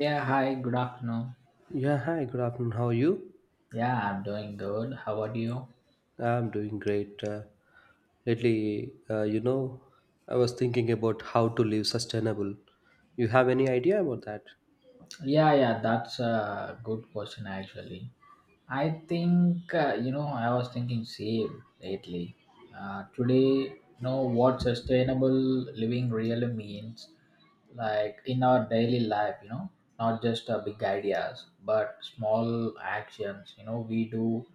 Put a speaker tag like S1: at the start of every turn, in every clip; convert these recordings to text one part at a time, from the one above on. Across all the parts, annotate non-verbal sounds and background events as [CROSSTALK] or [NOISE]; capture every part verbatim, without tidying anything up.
S1: Yeah, hi, good afternoon.
S2: Yeah, hi, good afternoon. How are you?
S1: Yeah, I'm doing good. How about you?
S2: I'm doing great. Uh, lately, uh, you know, I was thinking about how to live sustainable. You have any idea about that?
S1: Yeah, yeah, that's a good question actually. I think uh, you know I was thinking same lately. Uh, today, you know what sustainable living really means, like in our daily life. You know, not just uh, big ideas, but small actions. You know, we do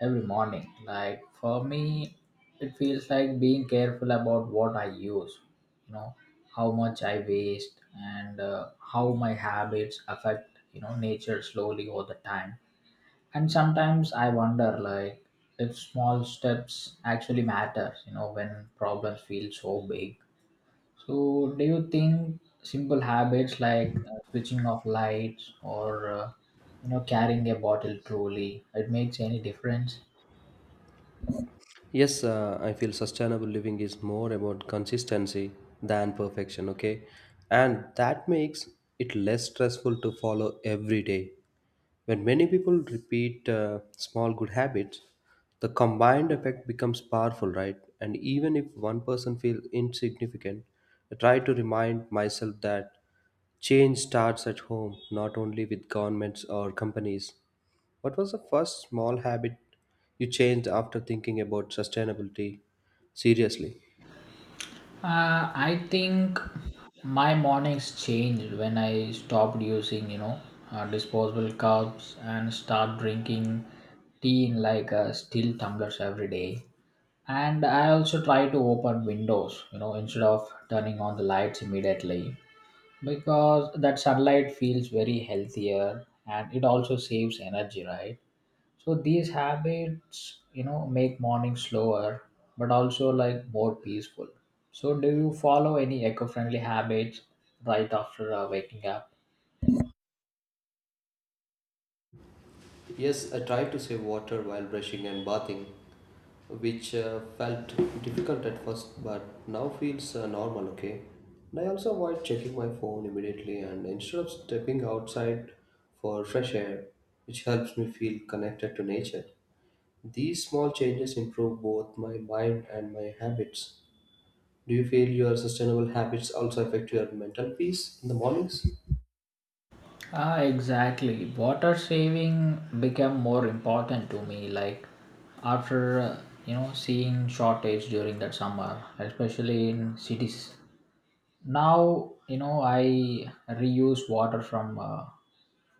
S1: every morning. Like for me, it feels like being careful about what I use. You know, how much I waste and uh, how my habits affect you know nature slowly over the time. And sometimes I wonder, like, if small steps actually matter you know when problems feel so big. So do you think simple habits like uh, switching off lights or uh, you know carrying a bottle truly it makes any difference?
S2: Yes, uh, I feel sustainable living is more about consistency than perfection, okay? And that makes it less stressful to follow every day. When many people repeat uh, small good habits, the combined effect becomes powerful, right? And even if one person feels insignificant, I try to remind myself that change starts at home, not only with governments or companies. What was the first small habit you changed after thinking about sustainability seriously?
S1: Uh, i think my mornings changed when I stopped using you know uh, disposable cups and start drinking tea in like uh, steel tumblers every day. And I also try to open windows you know instead of turning on the lights immediately, because that sunlight feels very healthier and it also saves energy, right? So these habits you know make morning slower, but also like more peaceful. So do you follow any eco-friendly habits right after uh, waking up?
S2: Yes, I tried to save water while brushing and bathing, which uh, felt difficult at first but now feels uh, normal, okay? And I also avoid checking my phone immediately and instead of stepping outside for fresh air, which helps me feel connected to nature. These small changes improve both my mind and my habits. Do you feel your sustainable habits also affect your mental peace in the mornings?
S1: Ah, exactly. Water saving became more important to me. Like after uh, you know seeing shortage during that summer, especially in cities. Now you know I reuse water from uh,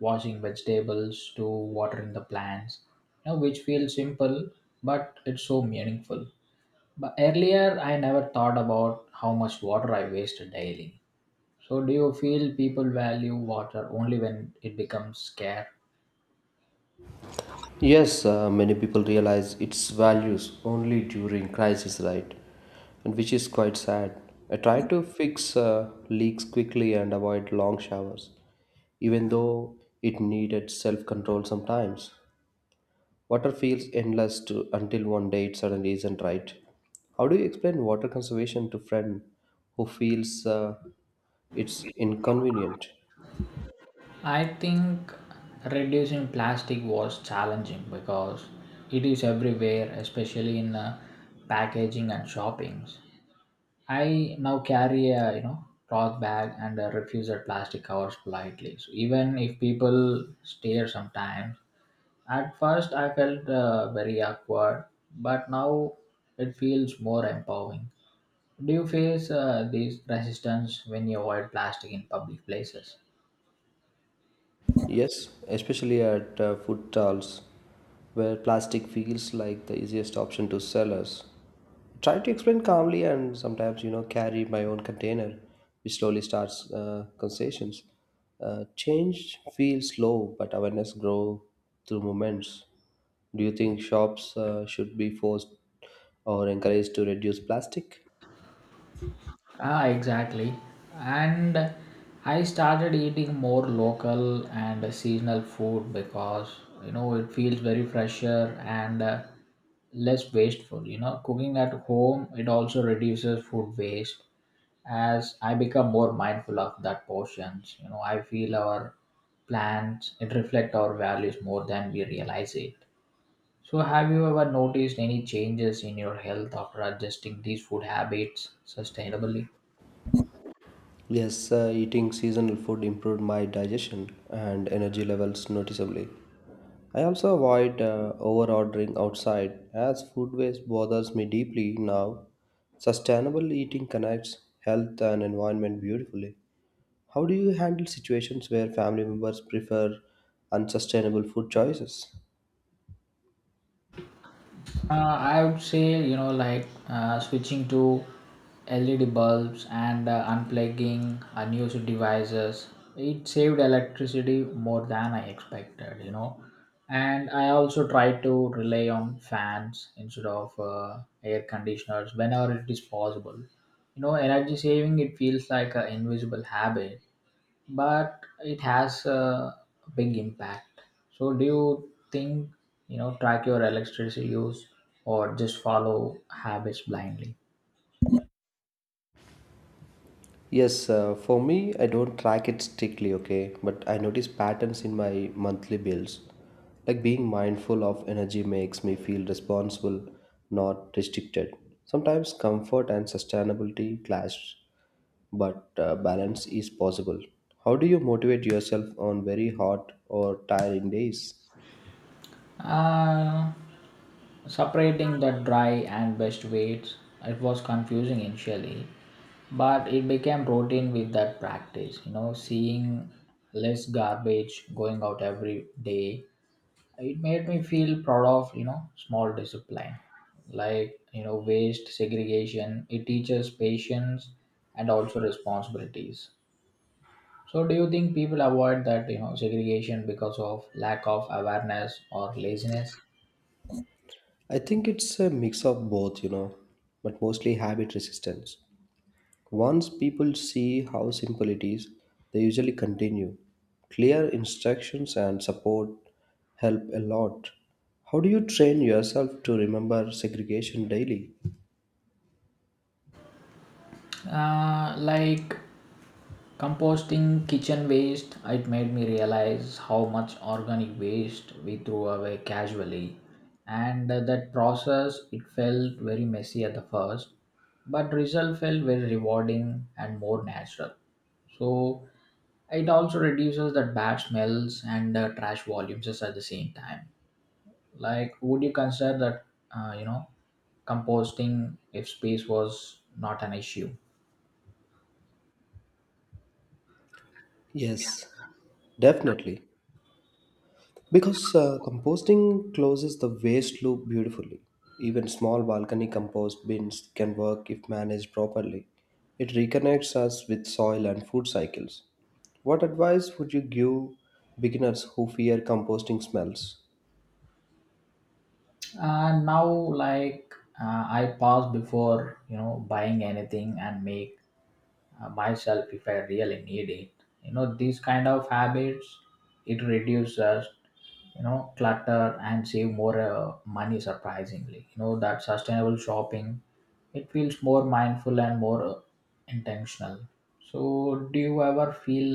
S1: washing vegetables to watering the plants. You know, which feels simple, but it's so meaningful. But earlier, I never thought about how much water I wasted daily. So, do you feel people value water only when it becomes scarce?
S2: Yes, uh, many people realize its values only during crisis, right? And which is quite sad. I try to fix uh, leaks quickly and avoid long showers, even though it needed self-control sometimes. Water feels endless to, until one day it suddenly isn't right. How do you explain water conservation to friend who feels uh, it's inconvenient?
S1: I think reducing plastic was challenging because it is everywhere, especially in uh, packaging and shoppings. I now carry a you know cloth bag and uh, refuse at plastic covers politely. So even if people stare sometimes, at first I felt uh, very awkward, but now it feels more empowering. Do you face uh, these resistance when you avoid plastic in public places?
S2: Yes, especially at uh, food stalls where plastic feels like the easiest option to sellers. Try to explain calmly and sometimes, you know, carry my own container, which slowly starts uh, concessions. Uh, change feels slow, but awareness grow through moments. Do you think shops uh, should be forced or encouraged to reduce plastic?
S1: Ah, exactly. And I started eating more local and seasonal food because you know it feels very fresher and uh, less wasteful. You know, cooking at home it also reduces food waste as I become more mindful of that portions. You know, I feel our plans it reflect our values more than we realize it. So, have you ever noticed any changes in your health after adjusting these food habits sustainably?
S2: Yes, uh, eating seasonal food improved my digestion and energy levels noticeably. I also avoid uh, over ordering outside as food waste bothers me deeply now. Sustainable eating connects health and environment beautifully. How do you handle situations where family members prefer unsustainable food choices?
S1: Uh, I would say, you know, like uh, switching to L E D bulbs and uh, unplugging unused devices. It saved electricity more than I expected, you know. And I also try to rely on fans instead of uh, air conditioners whenever it is possible. You know, energy saving, it feels like an invisible habit but it has a big impact. So, do you think you know track your electricity use or just follow habits blindly?
S2: Yes, uh, for me, I don't track it strictly, okay, but I notice patterns in my monthly bills. Like being mindful of energy makes me feel responsible, not restricted. Sometimes comfort and sustainability clash, but uh, balance is possible. How do you motivate yourself on very hot or tiring days?
S1: Uh, Separating the dry and best weights, it was confusing initially, but it became routine with that practice. You know, seeing less garbage going out every day, it made me feel proud of you know small discipline. Like you know waste segregation it teaches patience and also responsibilities. So do you think people avoid that you know segregation because of lack of awareness or laziness?
S2: I think it's a mix of both, you know, but mostly habit resistance. Once people see how simple it is, they usually continue. Clear instructions and support help a lot. How do you train yourself to remember segregation daily?
S1: uh, like Composting kitchen waste, it made me realize how much organic waste we throw away casually. And uh, that process, it felt very messy at the first, but result felt very rewarding and more natural. So it also reduces that bad smells and uh, trash volumes just at the same time. Like, would you consider that, uh, you know, composting if space was not an issue?
S2: Yes, definitely. Because uh, composting closes the waste loop beautifully. Even small balcony compost bins can work if managed properly. It reconnects us with soil and food cycles. What advice would you give beginners who fear composting smells?
S1: And now like uh, i pause before you know buying anything and make uh, myself if I really need it. You know these kind of habits, it reduces you know clutter and save more uh, money surprisingly. You know that sustainable shopping, it feels more mindful and more uh, intentional. So do you ever feel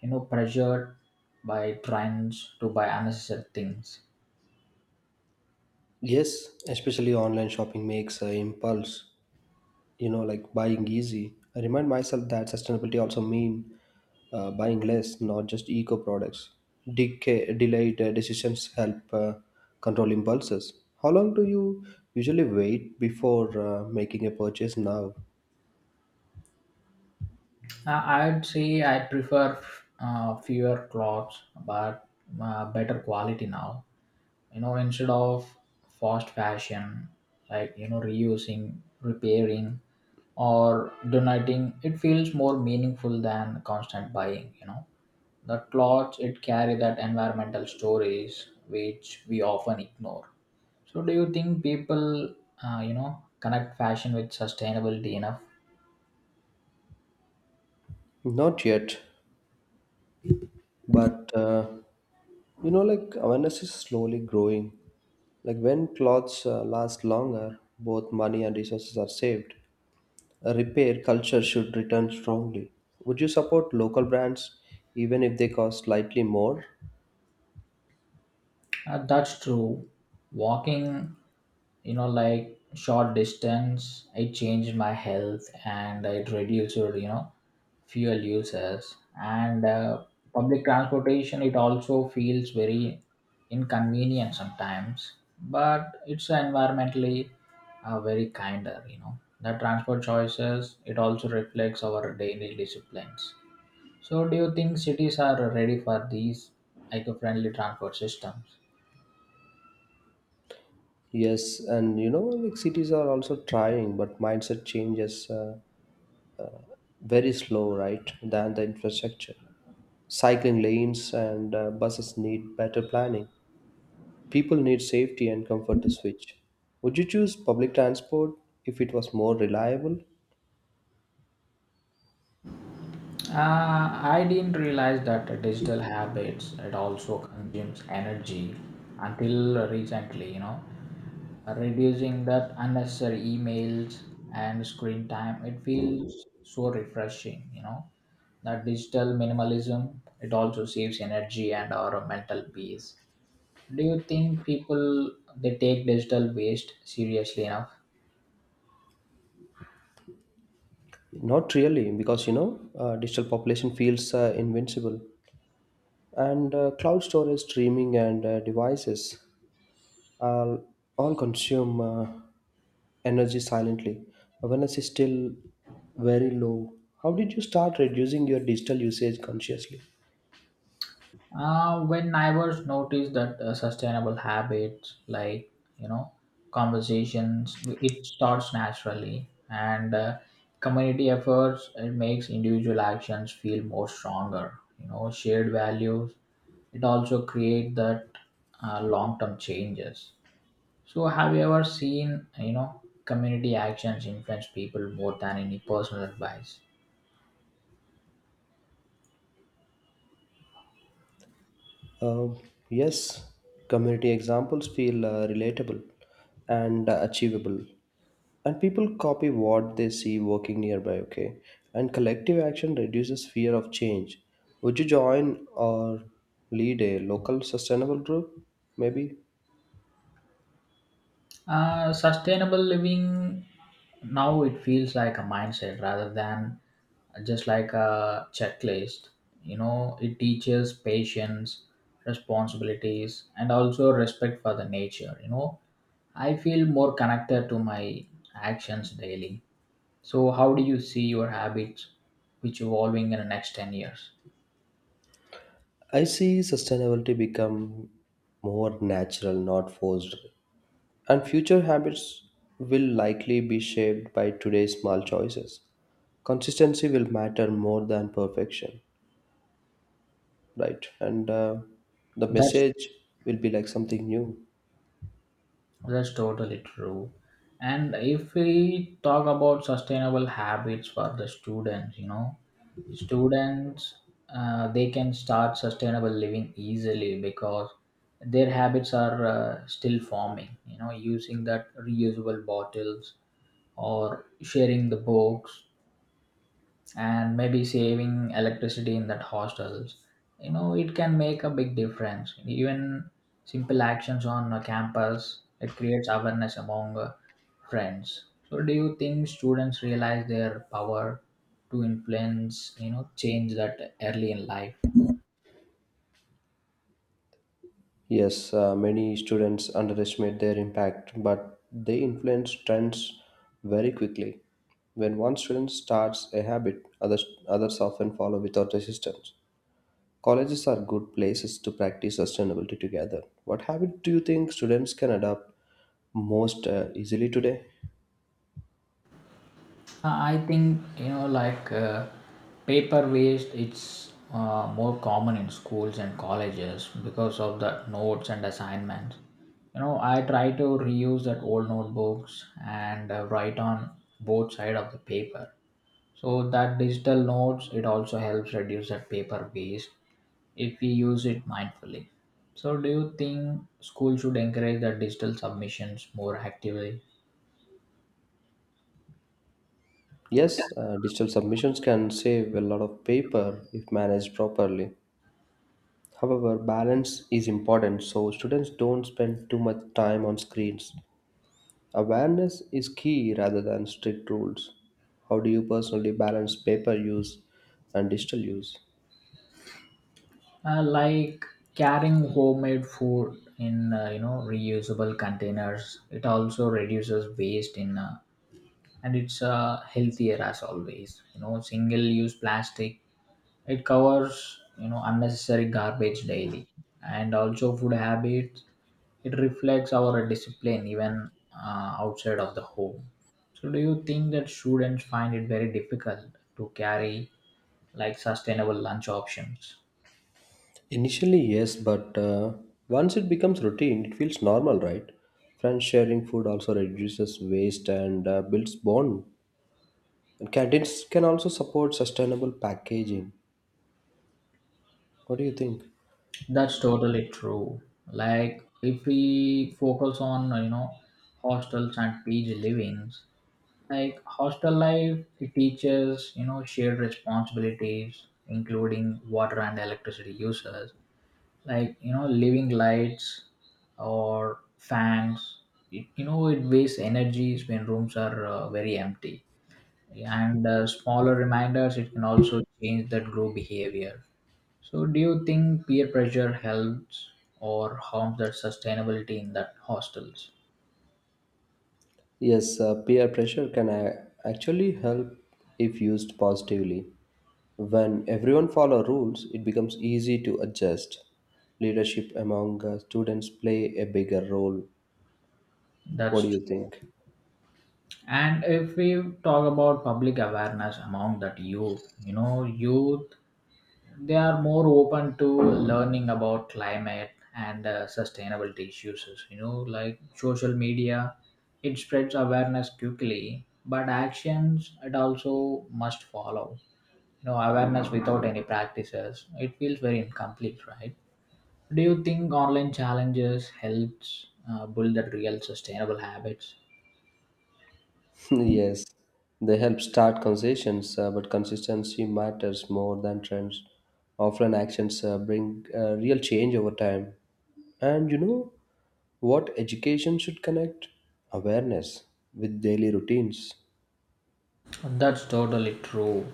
S1: you know pressured by trends to buy unnecessary things?
S2: Yes, especially online shopping makes an impulse you know like buying easy. I remind myself that sustainability also mean uh, buying less, not just eco products. Decay, delayed uh, decisions help uh, control impulses. How long do you usually wait before uh, making a purchase now?
S1: Uh, I'd say I prefer uh, fewer clothes, but uh, better quality now. You know, instead of fast fashion, like you know, reusing, repairing, or donating, it feels more meaningful than constant buying. You know, the clothes it carry that environmental stories which we often ignore. So, do you think people, uh, you know, connect fashion with sustainability enough?
S2: Not yet, but uh, you know like awareness is slowly growing. Like when clothes uh, last longer, both money and resources are saved. Repair culture should return strongly. Would you support local brands even if they cost slightly more?
S1: Uh, that's true. Walking, you know, like short distance, it changed my health and it reduced, you know, fuel uses. And uh, public transportation, it also feels very inconvenient sometimes, but it's environmentally uh, very kinder, you know. The transport choices, it also reflects our daily disciplines. So, do you think cities are ready for these eco friendly transport systems?
S2: Yes, and you know, like cities are also trying, but mindset changes uh, very slow, right? Than the infrastructure. Cycling lanes and uh, buses need better planning. People need safety and comfort to switch. Would you choose public transport if it was more reliable?
S1: Uh, I didn't realize that digital habits it also consumes energy until recently. You know, reducing that unnecessary emails and screen time it feels so refreshing. You know, that digital minimalism it also saves energy and our mental peace. Do you think people they take digital waste seriously enough?
S2: Not really, because you know, uh, digital population feels uh, invincible. And uh, cloud storage streaming and uh, devices are all consume uh, energy silently when it's still very low. How did you start reducing your digital usage consciously?
S1: Uh, when neighbors notice that uh, sustainable habits like you know conversations, it starts naturally, and uh, community efforts it makes individual actions feel more stronger. You know, shared values it also create that uh, long term changes. So, have you ever seen you know community actions influence people more than any personal advice?
S2: Uh, yes, community examples feel uh, relatable and uh, achievable. And people copy what they see working nearby, okay? And collective action reduces fear of change. Would you join or lead a local sustainable group? Maybe.
S1: Uh, sustainable living now it feels like a mindset rather than just like a checklist. You know, it teaches patience, responsibilities, and also respect for the nature. You know, I feel more connected to my actions daily. So, how do you see your habits which evolving in the next ten years?
S2: I see sustainability become more natural, not forced. And future habits will likely be shaped by today's small choices. Consistency will matter more than perfection, right? And uh, the
S1: That's
S2: message will be like something new.
S1: That's totally true. And if we talk about sustainable habits for the students, you know, students uh, they can start sustainable living easily because their habits are uh, still forming. You know, using that reusable bottles or sharing the books and maybe saving electricity in that hostels, you know it can make a big difference. Even simple actions on a campus it creates awareness among uh, friends. So do you think students realize their power to influence you know change that early in life?
S2: Yes, uh, many students underestimate their impact, but they influence trends very quickly. When one student starts a habit, others, others often follow without resistance. Colleges are good places to practice sustainability together. What habit do you think students can adopt most uh, easily today?
S1: Uh, I think you know, like uh, paper waste. It's uh, more common in schools and colleges because of the notes and assignments. You know, I try to reuse that old notebooks and uh, write on both side of the paper. So that digital notes it also helps reduce that paper waste if we use it mindfully. So, do you think school should encourage that digital submissions more actively?
S2: Yes, uh, digital submissions can save a lot of paper if managed properly. However, balance is important so students don't spend too much time on screens. Awareness is key rather than strict rules. How do you personally balance paper use and digital use?
S1: Uh, like Carrying homemade food in uh, you know reusable containers it also reduces waste in uh, and it's uh, healthier as always. You know single use plastic it covers you know unnecessary garbage daily, and also food habits it reflects our discipline even uh, outside of the home. So do you think that students find it very difficult to carry like sustainable lunch options?
S2: Initially, yes, but uh, once it becomes routine, it feels normal, right? Friends sharing food also reduces waste and uh, builds bond. And canteens can also support sustainable packaging. What do you think?
S1: That's totally true. Like if we focus on uh, you know hostels and P G livings, like hostel life it teaches you know shared responsibilities, including water and electricity users. Like you know living lights or fans. It, you know it wastes energies when rooms are uh, very empty, and uh, smaller reminders it can also change that group behavior. So, do you think peer pressure helps or harms that sustainability in that hostels?
S2: Yes, uh, peer pressure can a- actually help if used positively. When everyone follow rules, it becomes easy to adjust. Leadership among uh, students play a bigger role. What
S1: That's
S2: do you
S1: true.
S2: think?
S1: And if we talk about public awareness among that youth, you know, youth they are more open to learning about climate and uh, sustainability issues. You know, like social media, it spreads awareness quickly, but actions it also must follow. You know, awareness without any practices, it feels very incomplete, right? Do you think online challenges helps uh, build that real sustainable habits?
S2: [LAUGHS] Yes, they help start conversations, uh, but consistency matters more than trends. Offline actions uh, bring uh, real change over time. And you know what education should connect? Awareness with daily routines.
S1: That's totally true.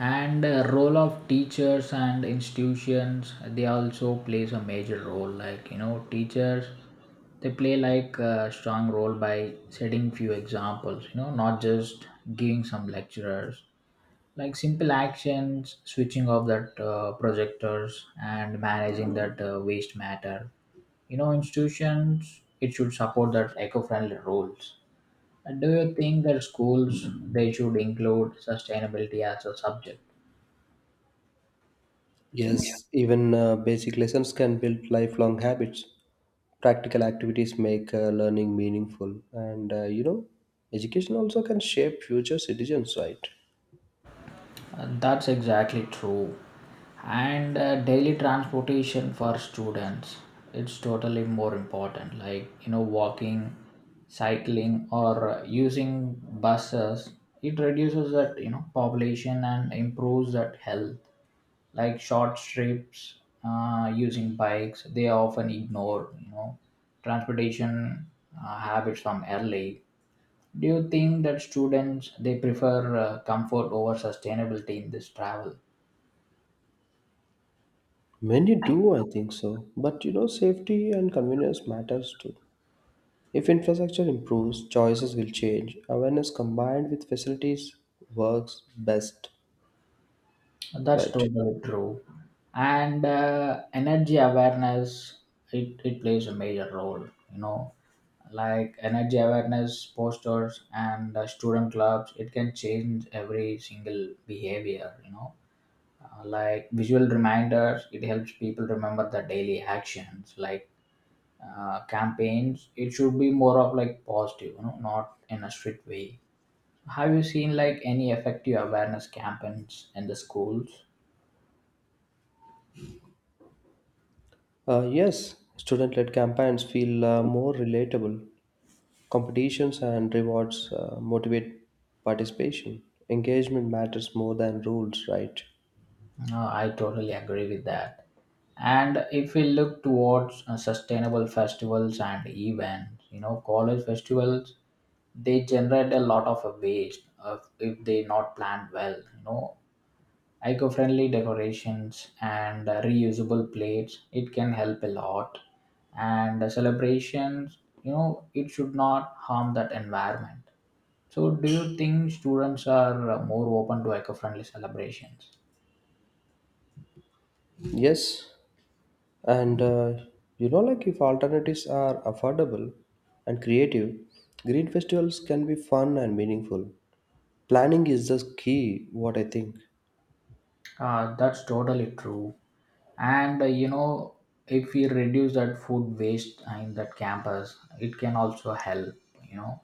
S1: And uh, role of teachers and institutions, they also plays a major role. Like you know, teachers they play like a strong role by setting few examples. You know, not just giving some lecturers. Like simple actions, switching off that uh, projectors and managing that uh, waste matter. You know institutions it should support that eco-friendly rules. And do you think that schools they should include sustainability as a subject?
S2: Yes, even uh, basic lessons can build lifelong habits. Practical activities make uh, learning meaningful. And uh, you know, education also can shape future citizens, right?
S1: Uh, that's exactly true. And uh, daily transportation for students it's totally more important. Like you know walking, cycling, or uh, using buses, it reduces that you know population and improves that health. Like short trips, uh, using bikes they are often ignore. You know transportation uh, habits from early. Do you think that students they prefer uh, comfort over sustainability in this travel?
S2: Many do, I think so. But you know, safety and convenience matters too. If infrastructure improves, choices will change. Awareness combined with facilities works best,
S1: That's
S2: right?
S1: totally true. And uh, energy awareness it, it plays a major role. You know, like energy awareness posters and uh, student clubs it can change every single behavior. You know Uh, like visual reminders, it helps people remember the daily actions. Like uh, campaigns, it should be more of like positive, you know, not in a strict way. Have you seen like any effective awareness campaigns in the schools?
S2: Uh, yes, student-led campaigns feel uh, more relatable. Competitions and rewards uh, motivate participation. Engagement matters more than rules, right?
S1: Uh, I totally agree with that. And if we look towards uh, sustainable festivals and events, you know, college festivals, they generate a lot of uh, waste uh, if they not planned well, you know, eco-friendly decorations and uh, reusable plates it can help a lot, and uh, celebrations, you know, it should not harm that environment. So do you think students are uh, more open to eco-friendly celebrations?
S2: Yes. And uh, you know, like if alternatives are affordable and creative, green festivals can be fun and meaningful. Planning is the key, what I think.
S1: Uh, that's totally true. And uh, you know, if we reduce that food waste in that campus, it can also help. You know,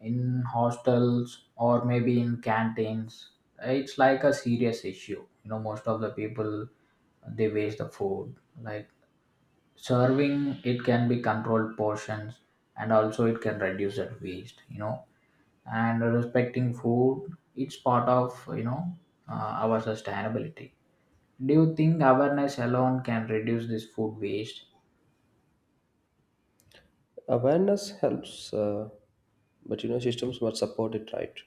S1: in hostels or maybe in canteens, it's like a serious issue. You know, most of the people they waste the food. Like serving, it can be controlled portions, and also it can reduce that waste. You know, and respecting food, it's part of, you know, uh, our sustainability. Do you think awareness alone can reduce this food waste?
S2: Awareness helps, uh, but you know, systems must support it right.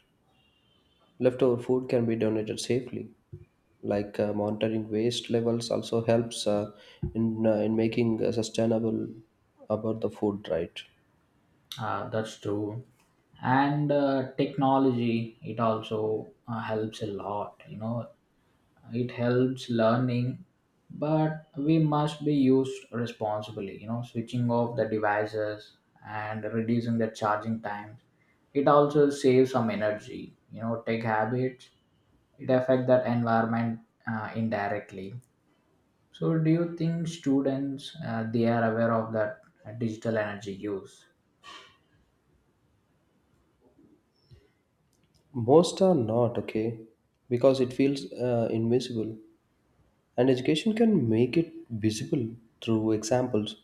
S2: Leftover food can be donated safely. Like uh, monitoring waste levels also helps uh, in uh, in making uh, sustainable about the food right.
S1: Uh, that's true. And uh, technology, it also uh, helps a lot. You know, it helps learning, but we must be used responsibly. You know, switching off the devices and reducing the charging times. It also saves some energy. You know, tech habits, it affect that environment uh, indirectly. So, do you think students uh, they are aware of that uh, digital energy use?
S2: Most are not okay because it feels uh, invisible. And education can make it visible through examples.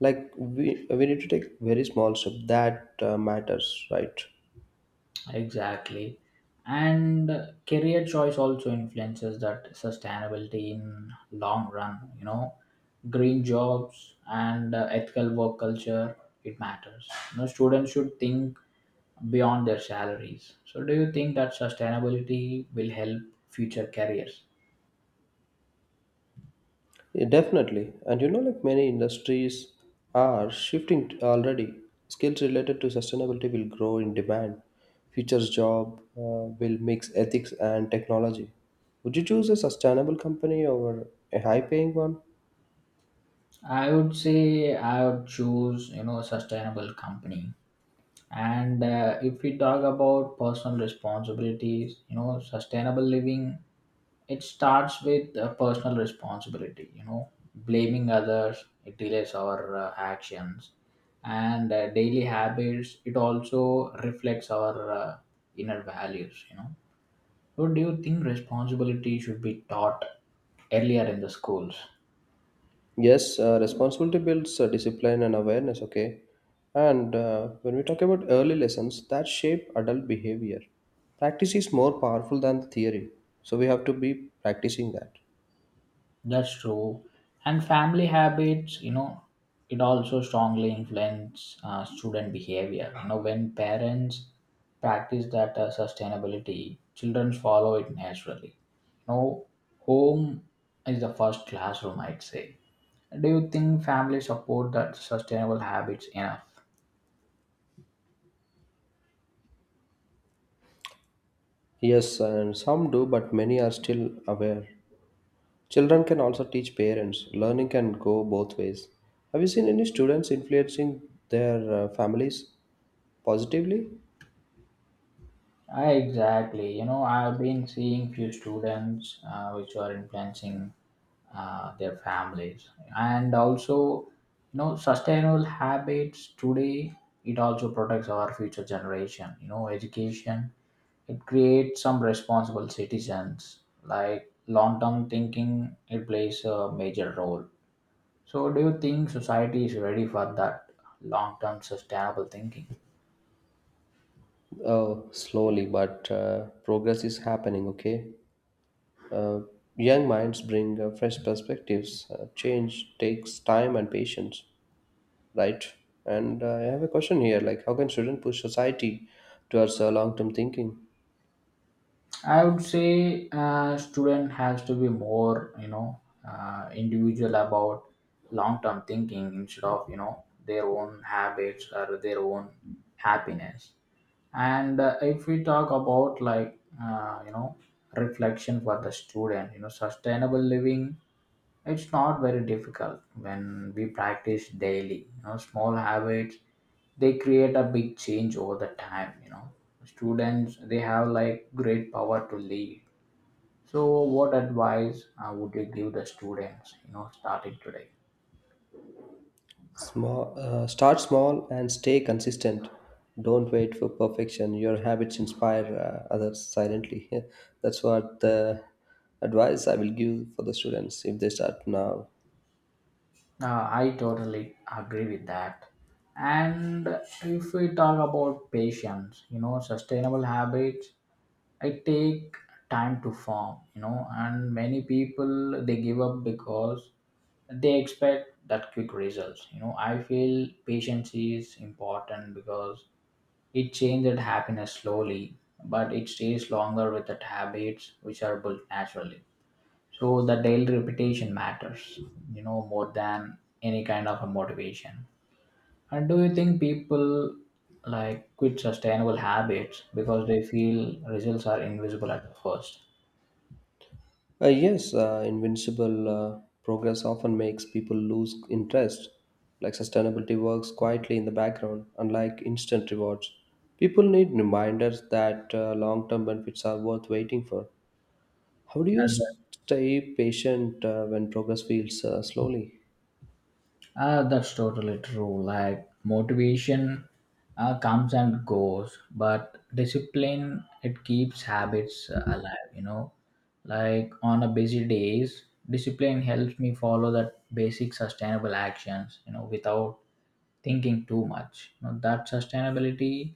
S2: Like we, we need to take very small step that uh, matters right.
S1: Exactly, and uh, career choice also influences that sustainability in long run. You know, green jobs and uh, ethical work culture it matters. You know, students should think beyond their salaries. So, do you think that sustainability will help future careers?
S2: Yeah, definitely, and you know like many industries are shifting t- already. Skills related to sustainability will grow in demand. Futures job uh, will mix ethics and technology. Would you choose a sustainable company over a high paying one?
S1: I would say I would choose, you know, a sustainable company. And uh, if we talk about personal responsibilities, you know, sustainable living, it starts with uh, personal responsibility. You know, blaming others, it delays our uh, actions. And uh, daily habits, it also reflects our uh, inner values, you know. So do you think responsibility should be taught earlier in the schools?
S2: Yes, uh, responsibility builds uh, discipline and awareness, okay? And uh, when we talk about early lessons that shape adult behavior, practice is more powerful than the theory. So we have to be practicing that.
S1: That's true. And family habits, you know, it also strongly influence uh, student behavior. You know, when parents practice that uh, sustainability, children follow it naturally. You know, home is the first classroom, I'd say. Do you think families support that sustainable habits enough?
S2: Yes, and some do, but many are still aware. Children can also teach parents. Learning can go both ways. Have you seen any students influencing their uh, families positively?
S1: I exactly. You know, I've been seeing few students uh, which are influencing uh, their families, and also, you know, sustainable habits today. It also protects our future generation. You know, education it creates some responsible citizens. Like long term thinking, it plays a major role. So, do you think society is ready for that long term sustainable thinking?
S2: Uh, slowly, but uh, progress is happening, okay? Uh, Young minds bring uh, fresh perspectives. Uh, change takes time and patience, right? And uh, I have a question here: like, how can students push society towards uh, long-term thinking?
S1: I would say uh, student has to be more, you know, uh, individual about long-term thinking instead of, you know, their own habits or their own happiness. And uh, if we talk about like, uh, you know, reflection for the student, you know, sustainable living, it's not very difficult when we practice daily. You know, small habits they create a big change over the time. You know, students they have like great power to lead. So, what advice uh, would you give the students? You know, starting today.
S2: Small, uh, start small and stay consistent. Don't wait for perfection. Your habits inspire uh, others silently. [LAUGHS] That's what the advice I will give for the students if they start now.
S1: Uh, I totally agree with that. And if we talk about patience, you know, sustainable habits, it take time to form, you know, and many people they give up because they expect that quick results. You know, I feel patience is important because it changes happiness slowly, but it stays longer with the habits which are built naturally. So the daily repetition matters, you know, more than any kind of a motivation. And do you think people like quit sustainable habits because they feel results are invisible at first?
S2: Uh, yes, uh, invincible uh, progress often makes people lose interest. Like sustainability works quietly in the background, unlike instant rewards. People need reminders that uh, long term benefits are worth waiting for. How do you s- stay patient uh, when progress feels uh, slowly?
S1: Uh, that's totally true. Like motivation uh, comes and goes, but discipline it keeps habits uh, alive. You know, like on a busy days, discipline helps me follow that basic sustainable actions. You know, without thinking too much. You know, that sustainability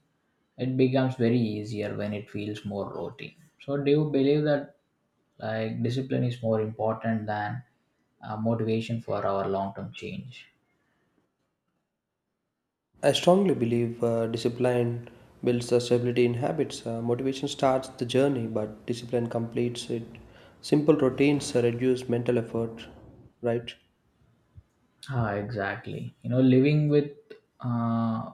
S1: it becomes very easier when it feels more routine. So, do you believe that like discipline is more important than uh, motivation for our long term change?
S2: I strongly believe uh, discipline builds the stability in habits. Uh, motivation starts the journey, but discipline completes it. Simple routines uh, reduce mental effort, right?
S1: Ah, exactly. You know, living with uh,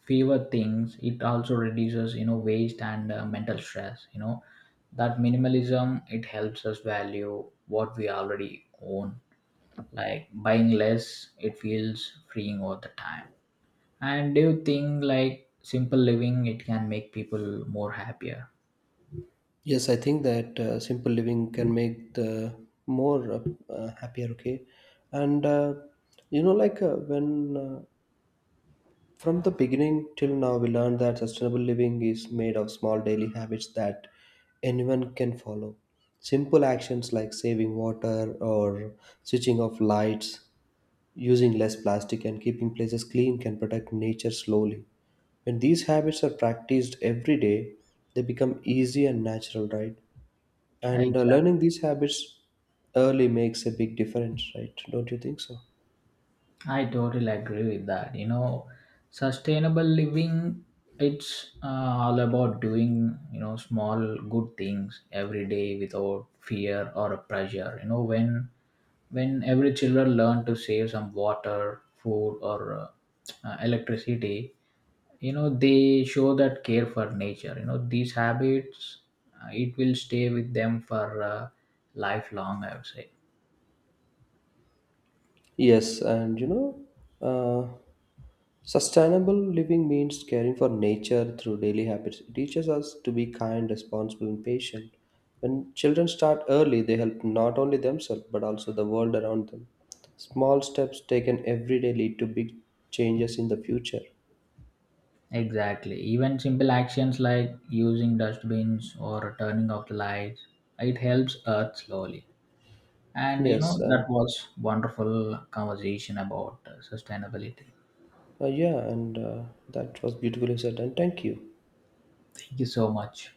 S1: fewer things, it also reduces, you know, waste and uh, mental stress. You know, that minimalism, it helps us value what we already own. Like buying less, it feels freeing all the time. And do you think like simple living, it can make people more happier?
S2: Yes, I think that uh, simple living can make the more uh, uh, happier. Okay, and uh, you know, like uh, when uh, from the beginning till now, we learned that sustainable living is made of small daily habits that anyone can follow. Simple actions like saving water or switching off lights, using less plastic, and keeping places clean can protect nature slowly. When these habits are practiced every day, they become easy and natural, right? And uh,
S1: Exactly.
S2: learning these habits early makes a big difference, right? Don't you think so?
S1: I totally agree with that. You know, sustainable living it's uh, all about doing, you know, small good things every day without fear or pressure. You know, when when every children learn to save some water, food, or uh, uh, electricity, you know they show that care for nature. You know these habits, uh, it will stay with them for uh, lifelong, I would say.
S2: Yes, and you know, uh, sustainable living means caring for nature through daily habits. It teaches us to be kind, responsible, and patient. When children start early, they help not only themselves but also the world around them. Small steps taken every day lead to big changes in the future.
S1: Exactly. Even simple actions like using dustbins or turning off the lights, it helps Earth slowly. And you know
S2: Yes, uh,
S1: that was wonderful conversation about uh, sustainability.
S2: uh, yeah, and uh, that was beautifully said, and thank you.
S1: Thank you so much.